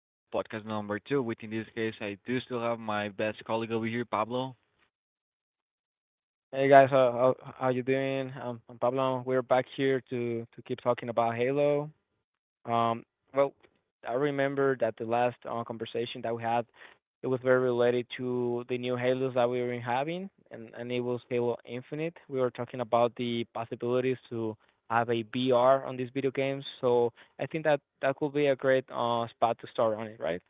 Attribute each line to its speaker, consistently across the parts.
Speaker 1: This is podcast number two, which in this case I do still have my best colleague over here, Pablo.
Speaker 2: Hey guys, how you doing? I'm Pablo. We're back here to keep talking about Halo. Um, well, I remember that the last conversation that we had, it was very related to the new Halos that we were having, and it was Halo Infinite. We were talking about the possibilities to have a VR on these video games, so I think that that could be a great spot to start on it, right?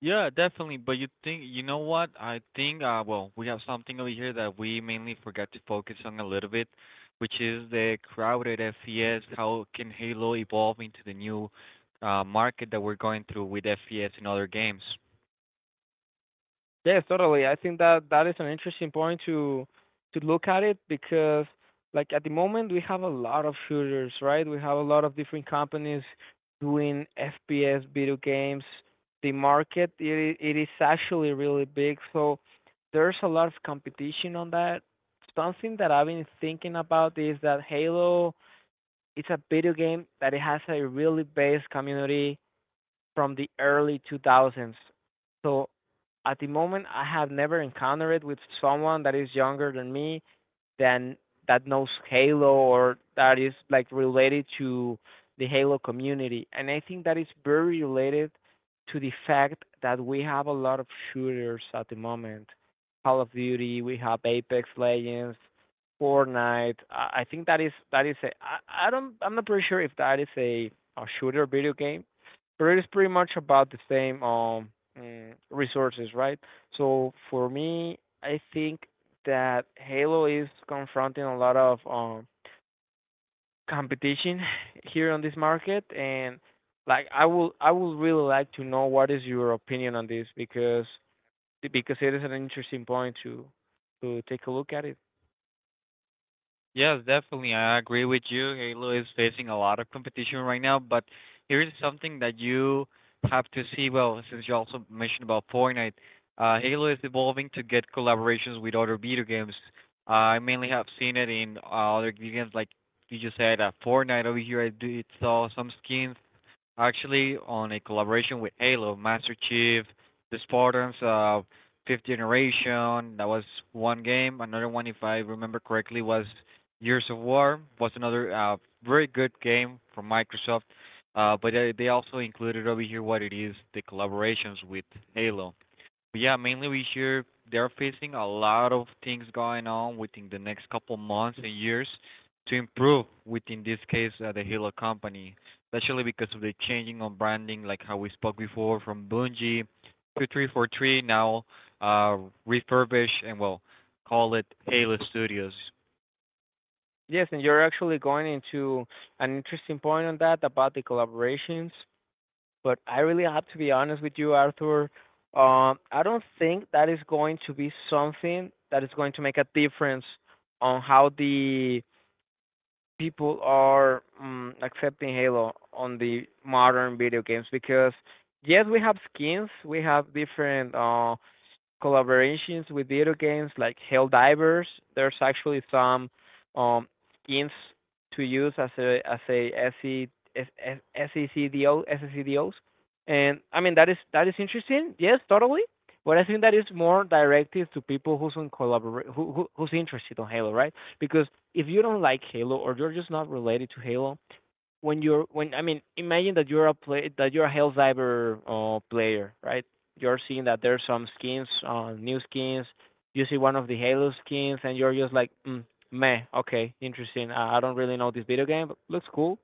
Speaker 1: Yeah, definitely. But you think what? I think well, we have something over here that we mainly forgot to focus on a little bit, which is the crowded FPS. How can Halo evolve into the new market that we're going through with FPS and other games?
Speaker 2: Yes, totally. I think that that is an interesting point to look at it because like at the moment we have a lot of shooters, right? We have a lot of different companies doing FPS video games. The market it is actually really big, so there's a lot of competition on that. Something that I've been thinking about is that Halo, it's a video game that it has a really base community from the early 2000s. So at the moment, I have never encountered it with someone that is younger than me, then, that knows Halo or that is like related to the Halo community. And I think that is very related to the fact that we have a lot of shooters at the moment. Call of Duty, we have Apex Legends, Fortnite. I think that is a, I don't I'm not pretty sure if that is a shooter video game, but it is pretty much about the same resources, right? So for me, I think that Halo is confronting a lot of competition here on this market, and like I would really like to know what is your opinion on this, because it is an interesting point to take a look at it.
Speaker 1: Yes, definitely. I agree with you. Halo is facing a lot of competition right now, but here is something that you have to see. Well, since you also mentioned about Fortnite, Halo is evolving to get collaborations with other video games. I mainly have seen it in other video games, like you just said, Fortnite over here. I do it saw some skins actually on a collaboration with Halo, Master Chief, The Spartans, Fifth Generation. That was one game. Another one, if I remember correctly, was Years of War. Was another very good game from Microsoft. But they also included over here what it is the collaborations with Halo. Yeah, mainly we hear they're facing a lot of things going on within the next couple months and years to improve within this case the Halo company, especially because of the changing on branding, like how we spoke before from Bungie to 343 now, uh, refurbish and well call it Halo Studios.
Speaker 2: Yes, and you're actually going into an interesting point on that about the collaborations, but I really have to be honest with you, Arthur. I don't think that is going to be something that is going to make a difference on how the people are accepting Halo on the modern video games because yes, we have skins, we have different collaborations with video games like Helldivers. There's actually some um skins to use as a SE S- S- SECDO SECDOs. And I mean that is interesting. Yes, totally. But I think that is more directed to people who's on collaborate who who's interested on Halo, right? Because if you don't like Halo or you're just not related to Halo, when I mean, imagine that you're a Hell Diver player, right? You're seeing that there's some skins, new skins. You see one of the Halo skins, and you're just like, mm, meh, okay, interesting. I don't really know this video game, but looks cool.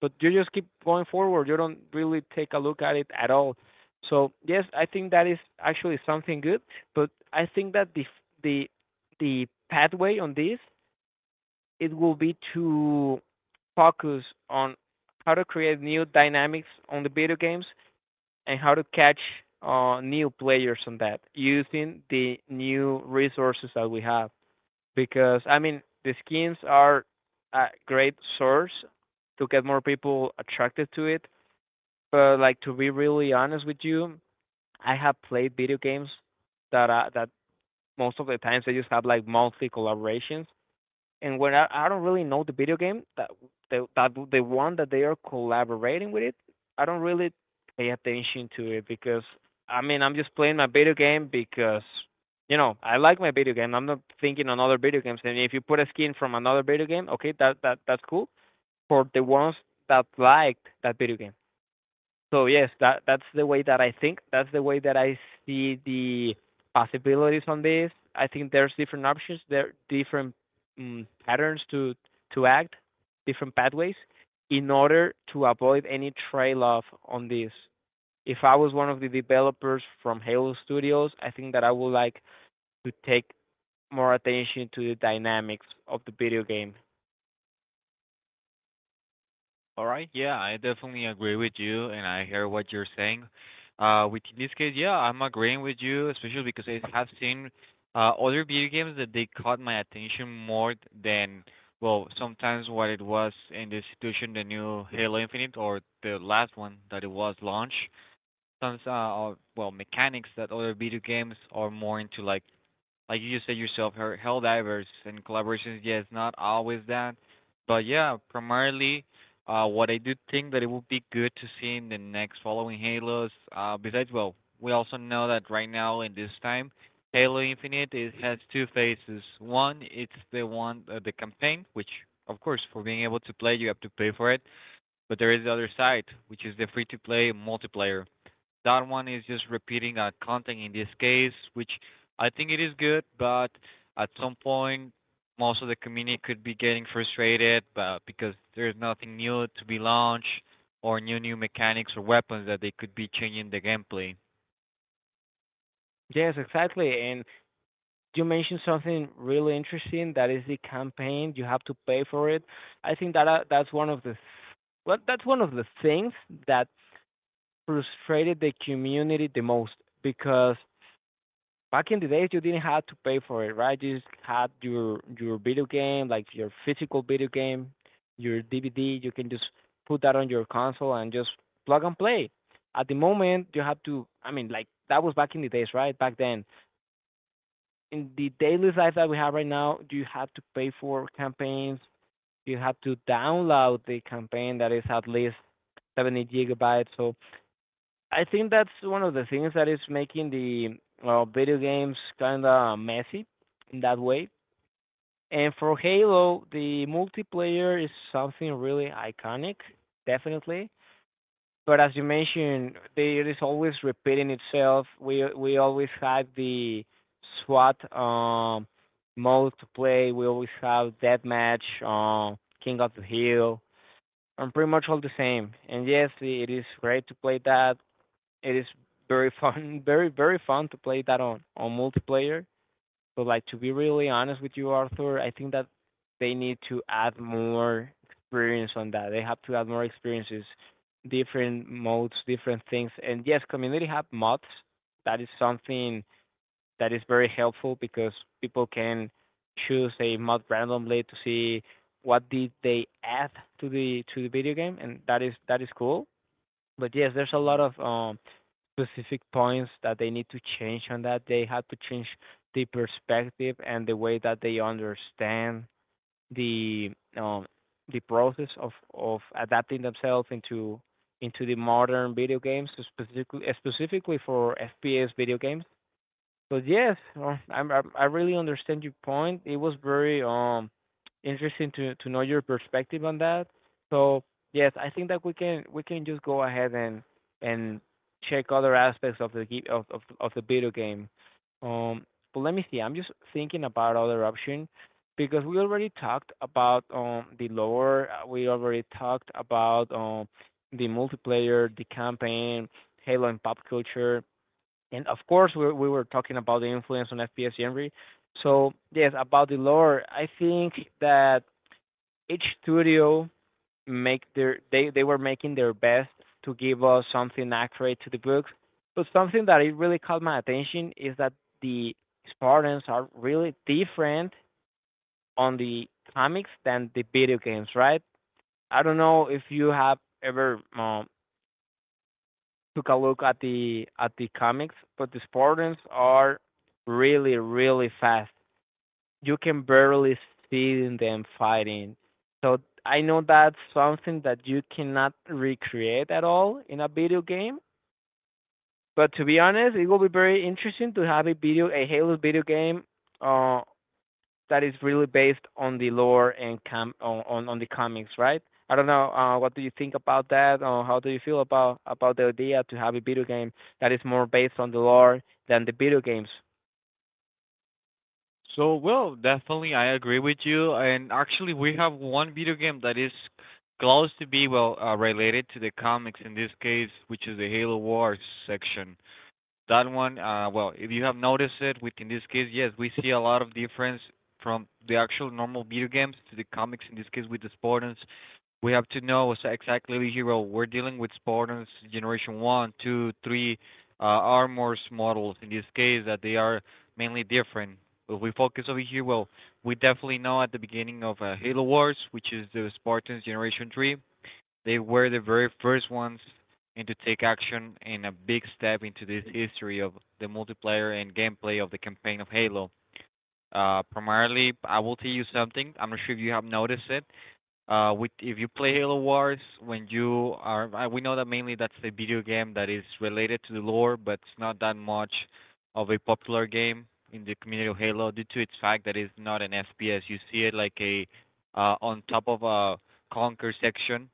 Speaker 2: But you just keep going forward. You don't really take a look at it at all. So yes, I think that is actually something good. But I think that the the pathway on this, it will be to focus on how to create new dynamics on the video games and how to catch new players on that using the new resources that we have. Because I mean, the skins are a great source to get more people attracted to it. But like to be really honest with you, I have played video games that most of the times they just have like monthly collaborations, and when I don't really know the video game that the one that they are collaborating with it, I don't really pay attention to it because I mean I'm just playing my video game because you know I like my video game. I'm not thinking on other video games. And if you put a skin from another video game, okay, that's cool. For the ones that liked that video game. So yes, that's the way that I think. That's the way that I see the possibilities on this. I think there's different options, there different patterns to act, different pathways, in order to avoid any trail off on this. If I was one of the developers from Halo Studios, I think that I would like to take more attention to the dynamics of the video game.
Speaker 1: All right. Yeah, I definitely agree with you, and I hear what you're saying. With in this case, yeah, I'm agreeing with you, especially because I have seen other video games that they caught my attention more than well, sometimes what it was in this situation, the new Halo Infinite or the last one that it was launched. Some well mechanics that other video games are more into like you just said yourself, her hell divers and collaborations. Yeah, it's not always that, but yeah, primarily, what I do think that it would be good to see in the next following Halos. Besides, well, we also know that right now in this time, Halo Infinite it has two phases. One, it's the one the campaign, which of course for being able to play you have to pay for it, but there is the other side, which is the free to play multiplayer that one is just repeating a content in this case, which I think it is good, but at some point, most of the community could be getting frustrated but because there's nothing new to be launched or new mechanics or weapons that they could be changing the gameplay.
Speaker 2: Yes, exactly. And you mentioned something really interesting, that is the campaign you have to pay for it. I think that that's one of the things that frustrated the community the most, because back in the days you didn't have to pay for it, right? You just had your video game, like your physical video game, your DVD. You can just put that on your console and just plug and play. At the moment you have to, I mean, like that was back in the days, right? Back then. In the daily life that we have right now, you have to pay for campaigns. You have to download the campaign that is at least 70 gigabytes. So I think that's one of the things that is making the video games kind of messy in that way. And for Halo, the multiplayer is something really iconic, definitely. But as you mentioned, they it is always repeating itself. We always have the SWAT mode to play. We always have deathmatch, King of the Hill, and pretty much all the same. And yes, it is great to play that. It is very fun, very fun to play that on multiplayer. But like to be really honest with you, Arthur, I think that they need to add more experience on that. They have to add more experiences, different modes, different things. And yes, community have mods. That is something that is very helpful because people can choose a mod randomly to see what did they add to the video game, and that is cool. But yes, there's a lot
Speaker 1: hmm
Speaker 2: of specific points that they need to change on that. They had to change the perspective and the way that they understand the um the process of adapting themselves into the modern video games, specifically for FPS video games. But yes, I really understand your point. It was very interesting to know your perspective on that. So yes, I think that we can just go ahead and and check other aspects of the of the video game. Um, but let me see. I'm just thinking about other option, because we already talked about the lore. We already talked about the multiplayer, the campaign, Halo and pop culture, and of course, we were talking about the influence on FPS genre. So yes, about the lore, I think that each studio make their they were making their best to give us something accurate to the book. But something that it really caught my attention is that the Spartans are really different on the comics than the video games, right? I don't know if you have ever took a look at the comics, but the Spartans are really fast. You can barely see them fighting. So I know that's something that you cannot recreate at all in a video game. But to be honest, it will be very interesting to have a video a Halo video game uh, that is really based on the lore and on the comics, right? I don't know. What do you think about that, or how do you feel about the idea to have a video game that is more based on the lore than the video games?
Speaker 1: So, well, definitely I agree with you. And actually, we have one video game that is close to be well related to the comics in this case, which is the Halo Wars section. That one, well, if you have noticed it, with in this case, yes, we see a lot of difference from the actual normal video games to the comics. In this case, with the Spartans, we have to know exactly the hero. We're dealing with Spartans Generation One, Two, Three, armors models. In this case, that they are mainly different. If we focus over here, well, we definitely know at the beginning of Halo Wars, which is the Spartans Generation Three, they were the very first ones and to take action in a big step into this history of the multiplayer and gameplay of the campaign of Halo. Primarily, I will tell you something. I'm not sure if you have noticed it. If you play Halo Wars, when you are, we know that mainly that's a video game that is related to the lore, but it's not that much of a popular game in the community of Halo due to its fact that it's not an FPS. You see it like a on top of a conquer section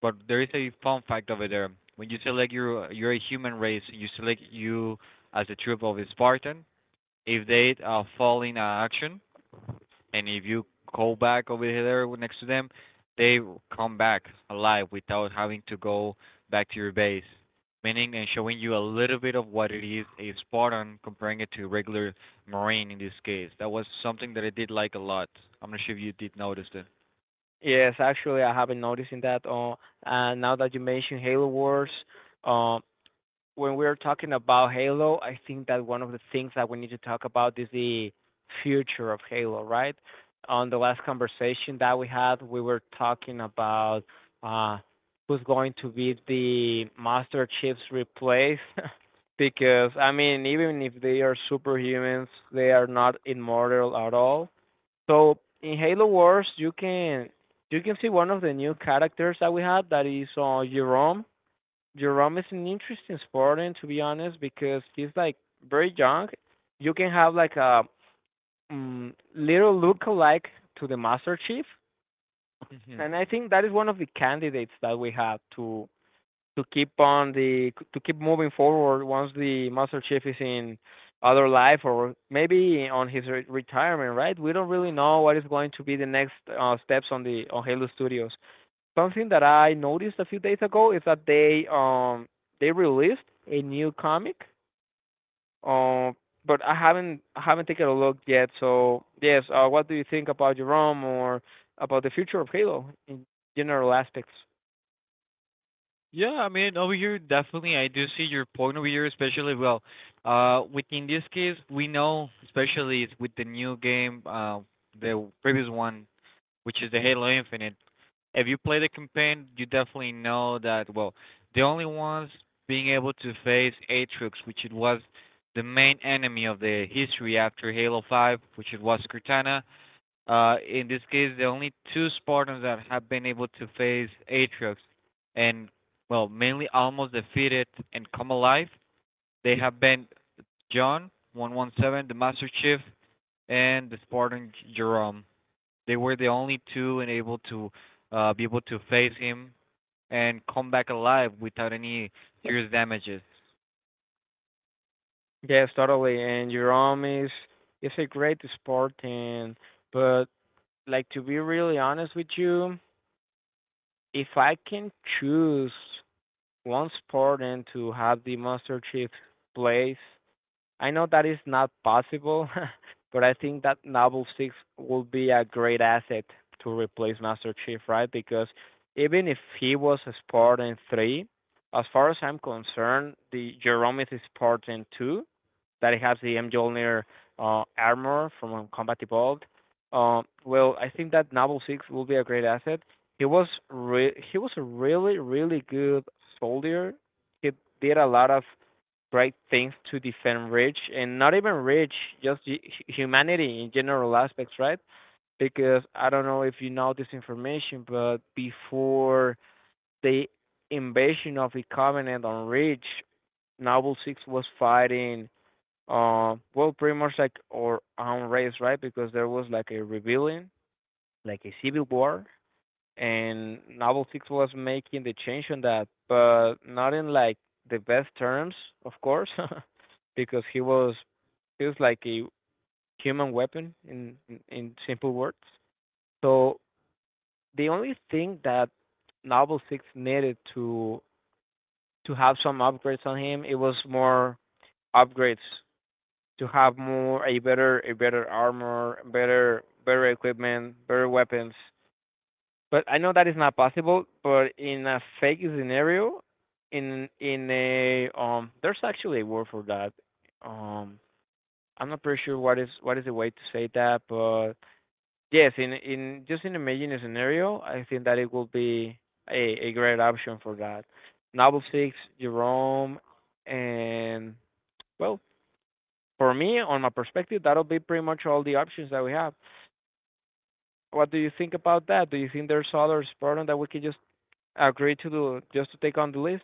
Speaker 1: but there is a fun fact over there. When you select your you're a human race, you select you as a troop of a Spartan. If they fall in action, and if you go back over there next to them, they come back alive without having to go back to your base. Meaning and showing you a little bit of what it is a Spartan comparing it to a regular Marine in this case. That was something that I did like a lot. I'm not sure if you did notice it.
Speaker 2: Yes, actually, I haven't noticed that. Now that you mentioned Halo Wars, um, when we're talking about Halo, I think that one of the things that we need to talk about is the future of Halo, right? On the last conversation that we had, we were talking about uh, who's going to be the Master Chief's replace. because I mean, even if they are superhumans, they are not immortal at all. So in Halo Wars, you can see one of the new characters that we had, that is Jerome. Jerome is an interesting sport, to be honest, because he's like very young. You can have like a little look-alike to the Master Chief,
Speaker 1: hmm
Speaker 2: and I think that is one of the candidates that we have to keep moving forward once the Master Chief is in other life or maybe on his retirement. Right? We don't really know what is going to be the next steps on the on Halo Studios. Something that I noticed a few days ago is that they released a new comic. Um, but I haven't taken a look yet. So yes, what do you think about Jerome or about the future of Halo in general aspects?
Speaker 1: Yeah, I mean, over here, definitely, I do see your point over here, especially well, within this case, we know, especially with the new game, the previous one, which is the Halo Infinite. If you play the campaign, you definitely know that well, the only ones being able to face Aatrox, which it was the main enemy of the history after Halo 5, which it was Cortana, in this case, the only two Spartans that have been able to face Atriox and, well, mainly almost defeat it and come alive, they have been John 117, the Master Chief, and the Spartan Jerome. They were the only two and able to be able to face him and come back alive without any serious damages.
Speaker 2: Yes, totally. And Jerome is a great sport, and but like to be really honest with you, if I can choose one sport and to have the Master Chief place, I know that is not possible, but I think that Novel 6 will be a great asset to replace Master Chief, right? Because even if he was a Spartan 3, as far as I'm concerned, the Jerome is a Spartan 2 that has the Mjolnir armor from Combat Evolved. Well, I think that Novel 6 will be a great asset. He was a really really good soldier. He did a lot of great things to defend rich and not even rich, just humanity in general aspects, right? Because I don't know if you know this information, but before the invasion of the Covenant on Reach, Noble Six was fighting, well, pretty much like our own race, right? Because there was like a rebellion, like a civil war, and Novel Six was making the change on that, but not in like the best terms, of course, because he was like a human weapon in simple words. So the only thing that Novel Six needed to have some upgrades on him, it was more upgrades to have more a better armor, better better equipment, better weapons. But I know that is not possible. But in a fake scenario, in a there's actually a word for that. Um, I'm not pretty sure what is the way to say that, but yes, in just in imagine a scenario, I think that it will be a great option for that. Novel Six, Jerome, and well, for me, on my perspective, that'll be pretty much all the options that we have. What do you think about that? Do you think there's other program that we can just agree to do just to take on the list?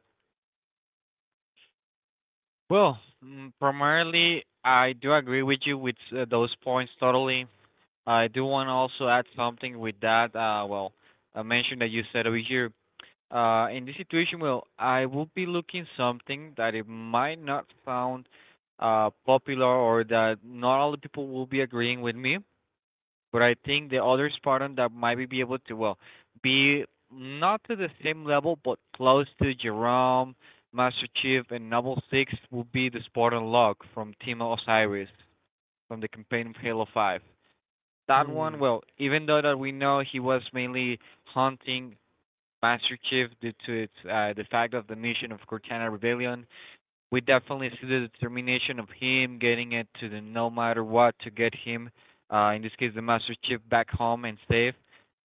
Speaker 1: Well, primarily, I do agree with you with those points totally. I do want to also add something with that. Well, a mention that you said over here. In this situation, well, I will be looking something that it might not sound popular or that not all the people will be agreeing with me, but I think the other Spartan that might be able to well be not to the same level but close to Jerome, Master Chief, and Noble Six will be the Spartan Locke from Team Osiris from the campaign of Halo Five. That one,
Speaker 2: Hmm.
Speaker 1: well, even though that we know he was mainly hunting Master Chief due to its the fact of the mission of Cortana Rebellion, we definitely see the determination of him getting it to the no matter what to get him, in this case, the Master Chief back home and safe,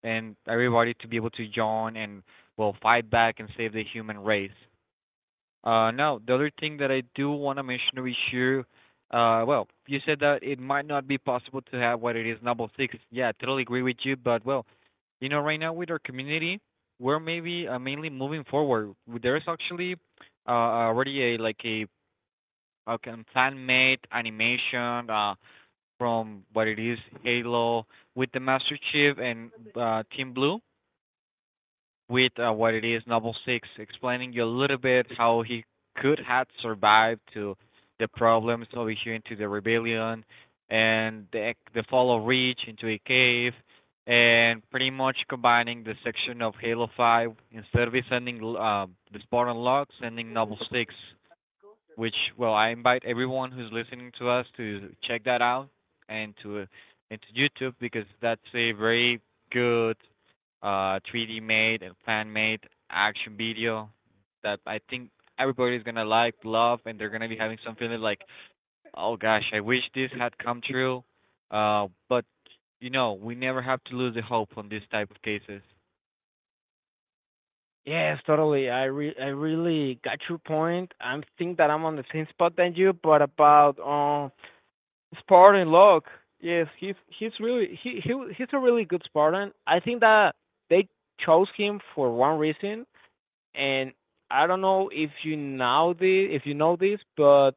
Speaker 1: and everybody to be able to join and well fight back and save the human race. Now, the other thing that I do want to mention over here, well, you said that it might not be possible to have what it is Noble 6. Yeah, I totally agree with you, but well, you know, right now with our community, we're maybe mainly moving forward. There's actually already a fan-made animation from what it is Halo with the Master Chief and Team Blue with what it is, Novel Six, explaining you a little bit how he could have survived to the problems over here into the rebellion and the fall of Reach into a cave and pretty much combining the section of Halo 5 instead of sending the Spartan log, sending Novel 6, which well I invite everyone who's listening to us to check that out and to into YouTube because that's a very good 3D made and fan made action video that I think everybody's gonna like, love, and they're gonna be having some feeling like, oh gosh, I wish this had come true. But you know, we never have to lose the hope on these type of cases.
Speaker 2: Yes, totally. I really got your point. I think that I'm on the same spot than you, but about Spartan Locke. Yes, he's a really good Spartan. I think that they chose him for one reason, and I don't know if you know this, but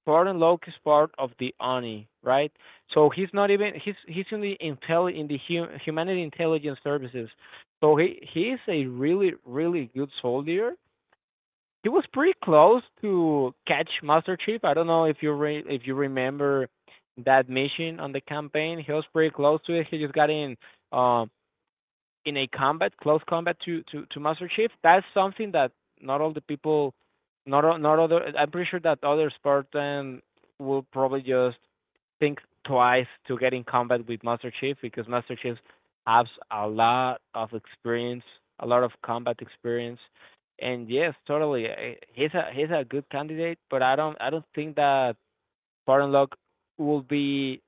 Speaker 2: Spartan Locke is part of the Oni, right? So he's not even he's in the intelli in the hum, humanity intelligence services. So he is a really really good soldier. He was pretty close to catch Master Chief. I don't know if if you remember that mission on the campaign. He was pretty close to it. He just got um uh, in a combat, close combat to Master Chief. That's something that not all the people, not not other. I'm pretty sure that other Spartan will probably just think twice to get in combat with Master Chief because Master Chief has a lot of experience, a lot of combat experience. And yes, totally, he's a good candidate, but I don't think that Spartan Locke will be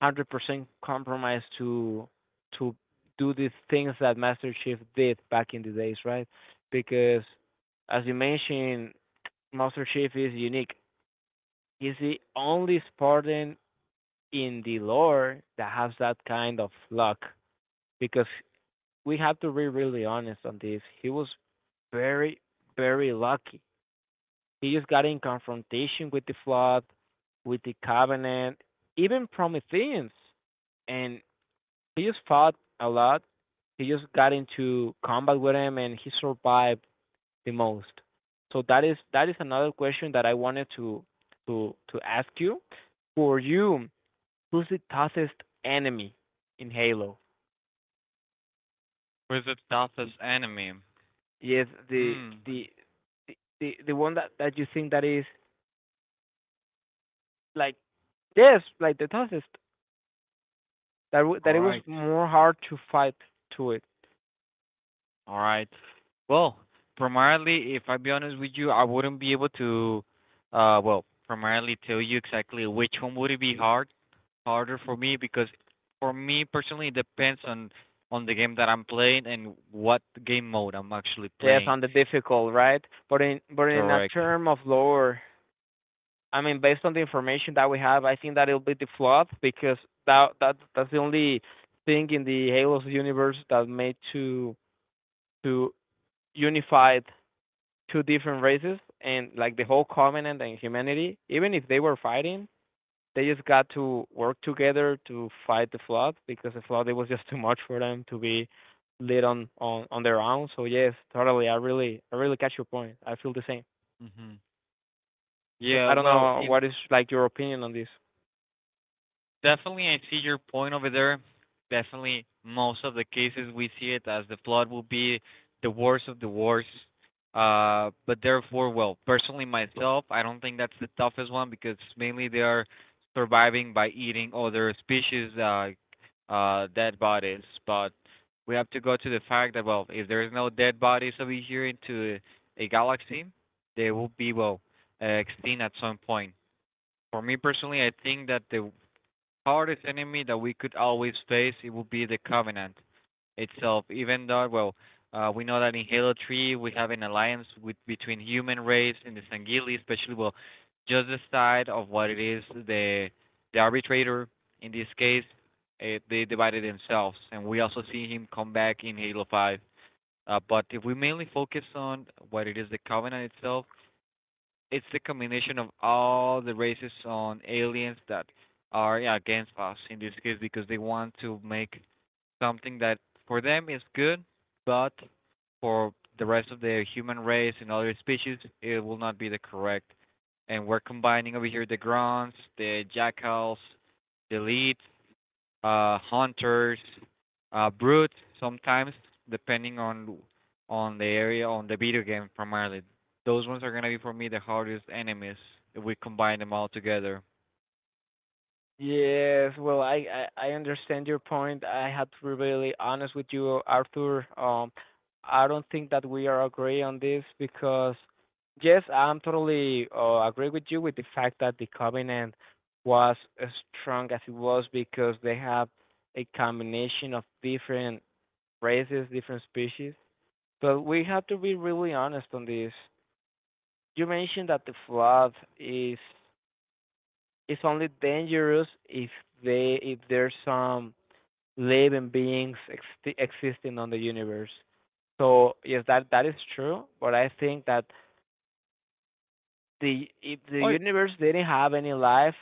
Speaker 2: 100% compromise to do these things that Master Chief did back in the days, right? Because as you mentioned, Master Chief is unique. He's the only Spartan in the lore that has that kind of luck. Because we have to be really honest on this. He was very, very lucky. He just got in confrontation with the flood, with the covenant, even Prometheans. And he just fought a lot. He just got into combat with him, and he survived the most. So that is another question that I wanted to to ask you. For you, who's the toughest enemy in Halo?
Speaker 1: Where's the toughest enemy?
Speaker 2: Yes,
Speaker 1: Hmm.
Speaker 2: the the one that that you think that is like yes, like the toughest that that
Speaker 1: All
Speaker 2: it was
Speaker 1: right.
Speaker 2: more hard to fight to it.
Speaker 1: All right. Well, primarily, if I be honest with you, I wouldn't be able to, well, primarily tell you exactly which one would it be harder for me because for me personally it depends on the game that I'm playing and what game mode I'm actually
Speaker 2: Yes,
Speaker 1: playing.
Speaker 2: on the difficult, right? But in a
Speaker 1: Correct.
Speaker 2: term of lore, I mean, based on the information that we have, I think that it'll be the flood because that's the only thing in the Halo's universe that made to unified two different races and like the whole Covenant and humanity. Even if they were fighting, they just got to work together to fight the flood because the flood it was just too much for them to be led on their own. So yes, totally. I really catch your point. I feel the same.
Speaker 1: Hmm.
Speaker 2: But
Speaker 1: Yeah.
Speaker 2: I don't
Speaker 1: Well,
Speaker 2: know
Speaker 1: in
Speaker 2: what is like your opinion on this.
Speaker 1: definitely, I see your point over there. Definitely, most of the cases we see it as the flood will be the worst of the worst. But therefore, well, personally myself, I don't think that's the toughest one because mainly they are surviving by eating other species' dead bodies. But we have to go to the fact that well, if there is no dead bodies over here into a galaxy, they will be well extinct at some point. For me personally, I think that the hardest enemy that we could always face, it would be the Covenant itself. Even though, well, we know that in Halo 3 we have an alliance with between human race and the Sangili, especially well, just the side of what it is the arbitrator in this case. They divided themselves, and we also see him come back in Halo 5. But if we mainly focus on what it is the Covenant itself, it's the combination of all the races on aliens that are, yeah, against us in this case because they want to make something that for them is good, but for the rest of the human race and other species, it will not be the correct. And we're combining over here the grunts, the jackals, the leads, hunters, brutes sometimes, depending on the area on the video game primarily. Those ones are gonna be for me the hardest enemies if we combine them all together.
Speaker 2: Yes, well, I I understand your point. I have to be really honest with you, Arthur. I don't think that we are agree on this because, yes, I'm totally agree with you with the fact that the covenant was as strong as it was because they have a combination of different races, different species. But we have to be really honest on this. You mentioned that the flood is it's only dangerous if they if there's some living beings existing on the universe. So yes, that that is true, but I think that the if the
Speaker 1: Oh,
Speaker 2: universe didn't have any life,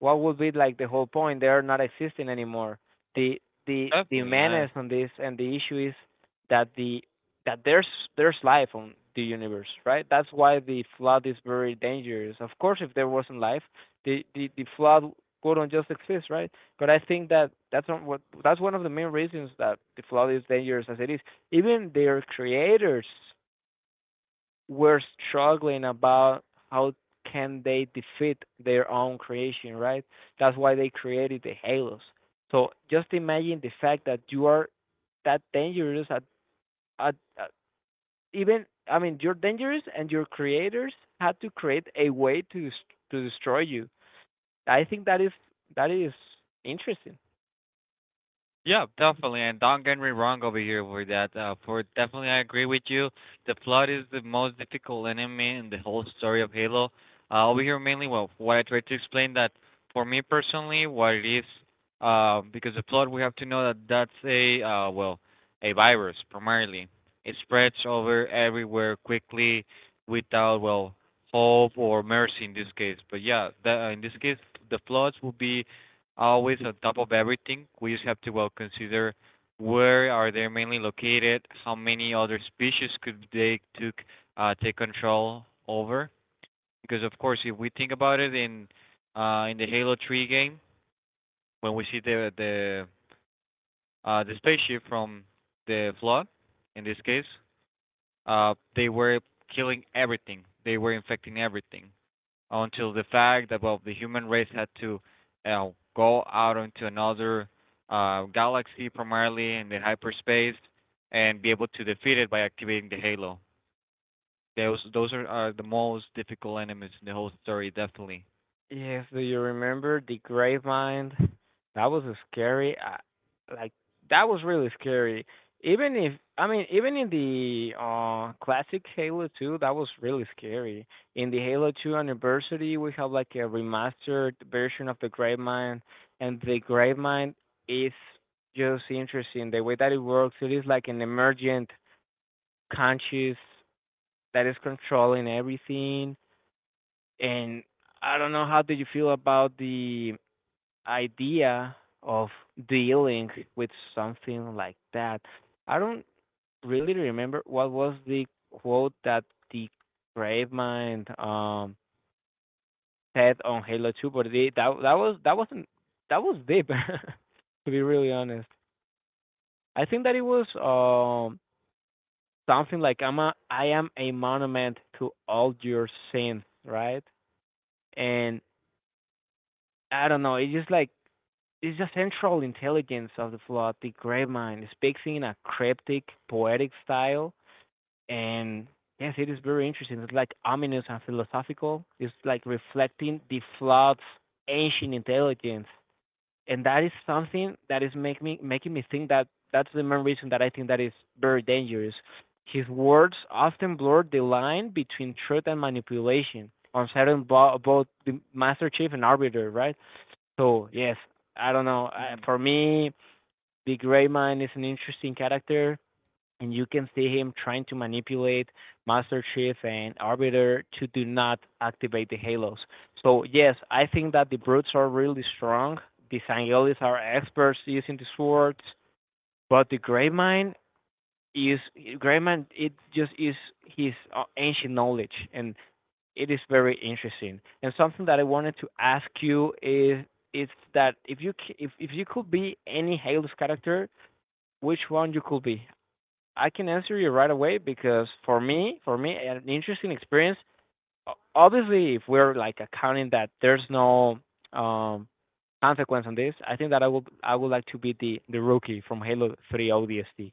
Speaker 2: what would be like the whole point? They're not existing anymore. The the
Speaker 1: definitely. I
Speaker 2: menace on this and the issue is that the that there's life on the universe, right? That's why the flood is very dangerous. Of course, if there wasn't life, the flood wouldn't just exist, right? But I think that that's not what that's one of the main reasons that the flood is dangerous as it is. Even their creators were struggling about how can they defeat their own creation, right? That's why they created the halos. So just imagine the fact that you are that dangerous at even I mean you're dangerous and your creators had to create a way to destroy you. I think that is interesting.
Speaker 1: yeah, definitely. And don't get me wrong over here with that. For definitely, I agree with you. The plot is the most difficult enemy in the whole story of Halo. Over here, mainly, well, what I tried to explain that for me personally, what it is, because the plot we have to know that that's a well, a virus primarily. It spreads over everywhere quickly, without well hope or mercy in this case. But yeah, in this case, the plots will be always on top of everything. We just have to well consider where are they mainly located, how many other species could they took take control over. Because of course, if we think about it in the Halo 3 game, when we see the the spaceship from the flood, in this case, they were killing everything. They were infecting everything until the fact that well the human race had to uh, go out into another galaxy primarily in the hyperspace and be able to defeat it by activating the halo. Those are the most difficult enemies in the whole story, definitely.
Speaker 2: Yes, do you remember the Gravemind? That was scary. I, like that was really scary. Even if I mean, even in the classic Halo 2, that was really scary. In the Halo 2 anniversary, we have like a remastered version of the Gravemind, and the Gravemind is just interesting. The way that it works, it is like an emergent conscious that is controlling everything, and I don't know how did you feel about the idea of dealing with something like that. I don't really remember what was the quote that the Gravemind said on Halo 2, but they, that that was that wasn't, that was deep to be really honest. I think that it was something like I'm a I am a monument to all your sins, right? And I don't know, it's just like is the central intelligence of the plot. The great mind speaks in a cryptic, poetic style, and yes, it is very interesting. It's like ominous and philosophical. It's like reflecting the Flood's ancient intelligence, and that is something that is make me, making me think that that's the main reason that I think that is very dangerous. His words often blur the line between truth and manipulation on certain both the Master Chief and Arbiter, right? So yes, I don't know. I,
Speaker 1: Hmm.
Speaker 2: for me, Big Rayman is an interesting character, and you can see him trying to manipulate Master Chief and Arbiter to do not activate the halos. So yes, I think that the brutes are really strong. The Sangelis are experts using the swords, but the Greymine is Greyman. It just is his ancient knowledge, and it is very interesting. And something that I wanted to ask you is that if if if you could be any Halo's character, which one you could be? I can answer you right away because for me, an interesting experience. Obviously, if we're like accounting that there's no um consequence on this, I think that I would like to be the rookie from Halo 3 ODST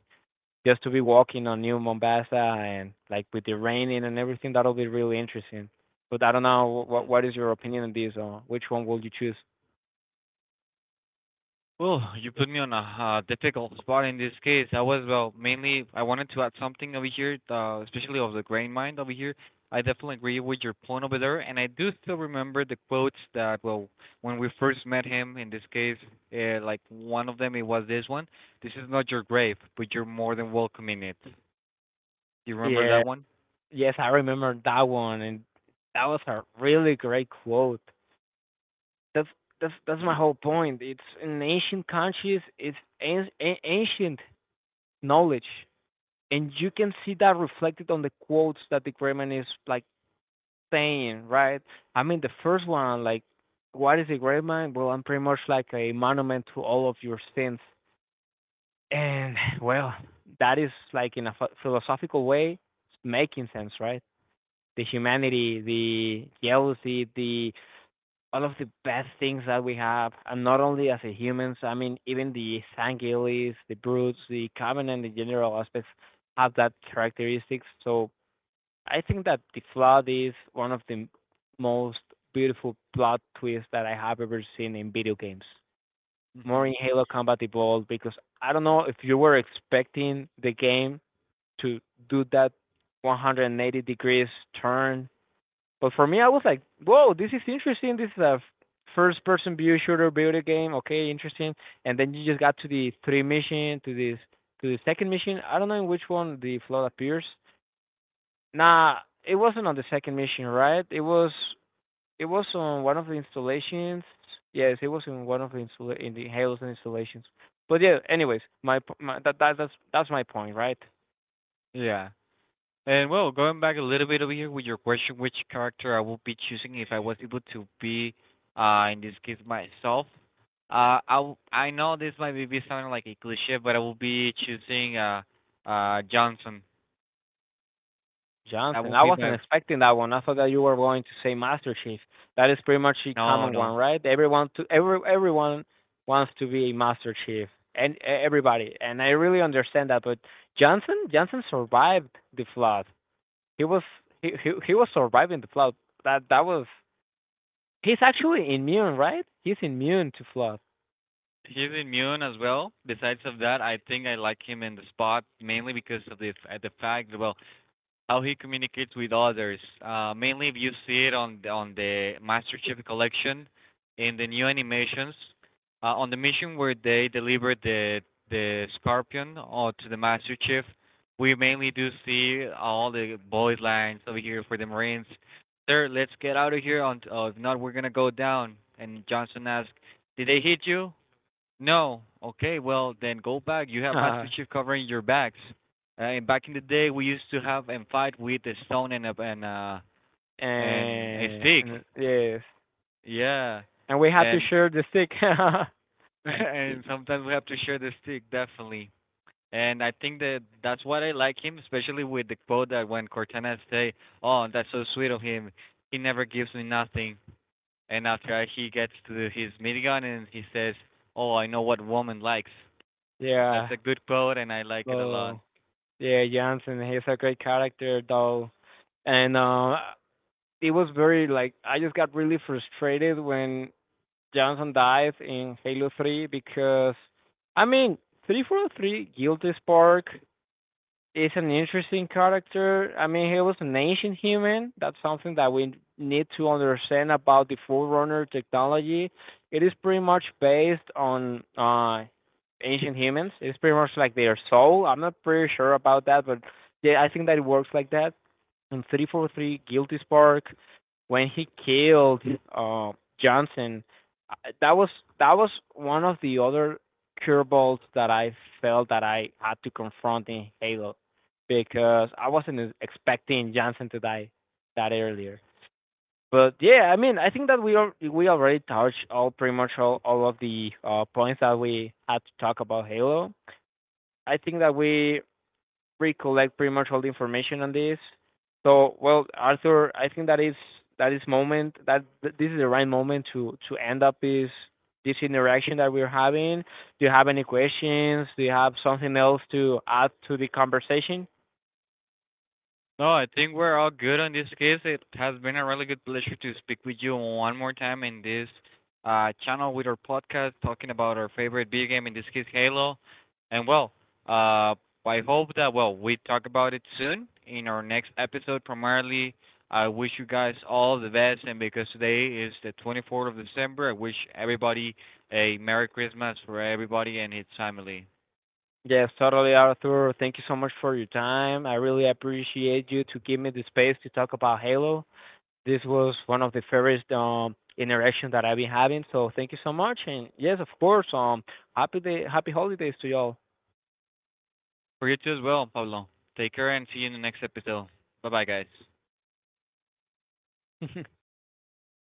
Speaker 2: just to be walking on New Mombasa and like with the raining and everything, that'll be really interesting. But I don't know
Speaker 1: Hmm.
Speaker 2: what is your opinion on this or which one will you choose?
Speaker 1: Well, you put me on a difficult spot in this case. I was well, mainly I wanted to add something over here, especially of the grain mind over here. I definitely agree with your point over there, and I do still remember the quotes that well, when we first met him. In this case, like one of them, it was this one: "This is not your grave, but you're more than welcome in it." You remember
Speaker 2: Yeah,
Speaker 1: that one?
Speaker 2: yes, I remember that one, and that was a really great quote. That's that's my whole point. It's an ancient conscious, it's an ancient knowledge, and you can see that reflected on the quotes that the great man is like saying, right? I mean, the first one, like, what is a great mind? Well, I'm pretty much like a monument to all of your sins. And, well, that is like in a philosophical way making sense, right? The humanity, the jealousy, the all of the bad things that we have, and not only as a humans, I mean, even the Sanguilis, the Brutes, the Covenant, the general aspects have that characteristics. So I think that The Flood is one of the most beautiful plot twists that I have ever seen in video games.
Speaker 1: Hmm.
Speaker 2: More in Halo Combat Evolved because I don't know if you were expecting the game to do that 180 degrees turn, but for me I was like, "Whoa, this is interesting. This is a first person view shooter video game. Okay, interesting." And then you just got to the three mission, to this to the second mission. I don't know in which one The Flood appears. Nah, it wasn't on the second mission, right? It was on one of the installations. Yes, it was in one of the in the Halo's installations. But yeah, anyways, my, p- my that, that that's my point, right?
Speaker 1: Yeah. And well, going back a little bit over here with your question, which character I would be choosing if I was able to be, in this case myself. I know this might be sounding like a cliche, but I will be choosing Johnson. That
Speaker 2: Johnson,
Speaker 1: will
Speaker 2: I
Speaker 1: be my
Speaker 2: wasn't expecting that one. I thought that you were going to say Master Chief. That is pretty much a
Speaker 1: no,
Speaker 2: common one,
Speaker 1: no.
Speaker 2: right? Everyone wants to be a Master Chief, and everybody, and I really understand that. But Johnson, Johnson survived the flood. He was he was surviving the flood. That that was he's actually immune, right? He's immune to flood.
Speaker 1: He's immune as well. Besides of that, I think I like him in the spot mainly because of the the fact. Well, how he communicates with others. Mainly, if you see it on on the Master Chief Collection, in the new animations, on the mission where they deliver the Scorpion or to the Master Chief, we mainly do see all the boys lines over here for the Marines. Sir, let's get out of here. On, oh, if not, we're gonna go down. And Johnson asks, "Did they hit you?" No. Okay. Well, then go back. You have Master
Speaker 2: and,
Speaker 1: Chief covering your backs. And back in the day, we used to have and fight with a stone and a and and a stick.
Speaker 2: and yes,
Speaker 1: Yeah.
Speaker 2: and we had to
Speaker 1: And
Speaker 2: share the stick.
Speaker 1: and sometimes we have to share the stick, definitely. And I think that that's what I like him, especially with the quote that when Cortana say, "Oh, that's so sweet of him. He never gives me nothing." And after he gets to his minigun and he says, "Oh, I know what woman likes."
Speaker 2: Yeah.
Speaker 1: That's a good quote, and I like it a lot.
Speaker 2: So yeah, Jansen, he's a great character though, and it was very like I just got really frustrated when Johnson dies in Halo 3 because I mean 343 Guilty Spark is an interesting character. I mean, he was an ancient human. That's something that we need to understand about the Forerunner technology. It is pretty much based on ancient humans. It's pretty much like their soul. I'm not pretty sure about that, but yeah, I think that it works like that in 343 Guilty Spark when he killed uh, Johnson. That was that was one of the other curveballs that I felt that I had to confront in Halo because I wasn't expecting Johnson to die that earlier. But yeah, I mean, I think that we already touched all pretty much all of the points that we had to talk about Halo. I think that we recollect pretty much all the information on this. So, well, Arthur, I think that is moment that this is the right moment to end up this this interaction that we're having. Do you have any questions? Do you have something else to add to the conversation?
Speaker 1: No, I think we're all good on this case. It has been a really good pleasure to speak with you one more time in this channel with our podcast, talking about our favorite video game, in this case, Halo. And well, uh, I hope that well we talk about it soon in our next episode. Primarily, I wish you guys all the best, and because today is the 24th of December, I wish everybody a Merry Christmas for everybody and his family.
Speaker 2: Yes, totally, Arthur. Thank you so much for your time. I really appreciate you to give me the space to talk about Halo. This was one of the favorite interactions that I've been having. So thank you so much, and yes, of course, happy day, happy holidays to y'all.
Speaker 1: For you too as well, Pablo. Take care and see you in the next episode. Bye bye, guys.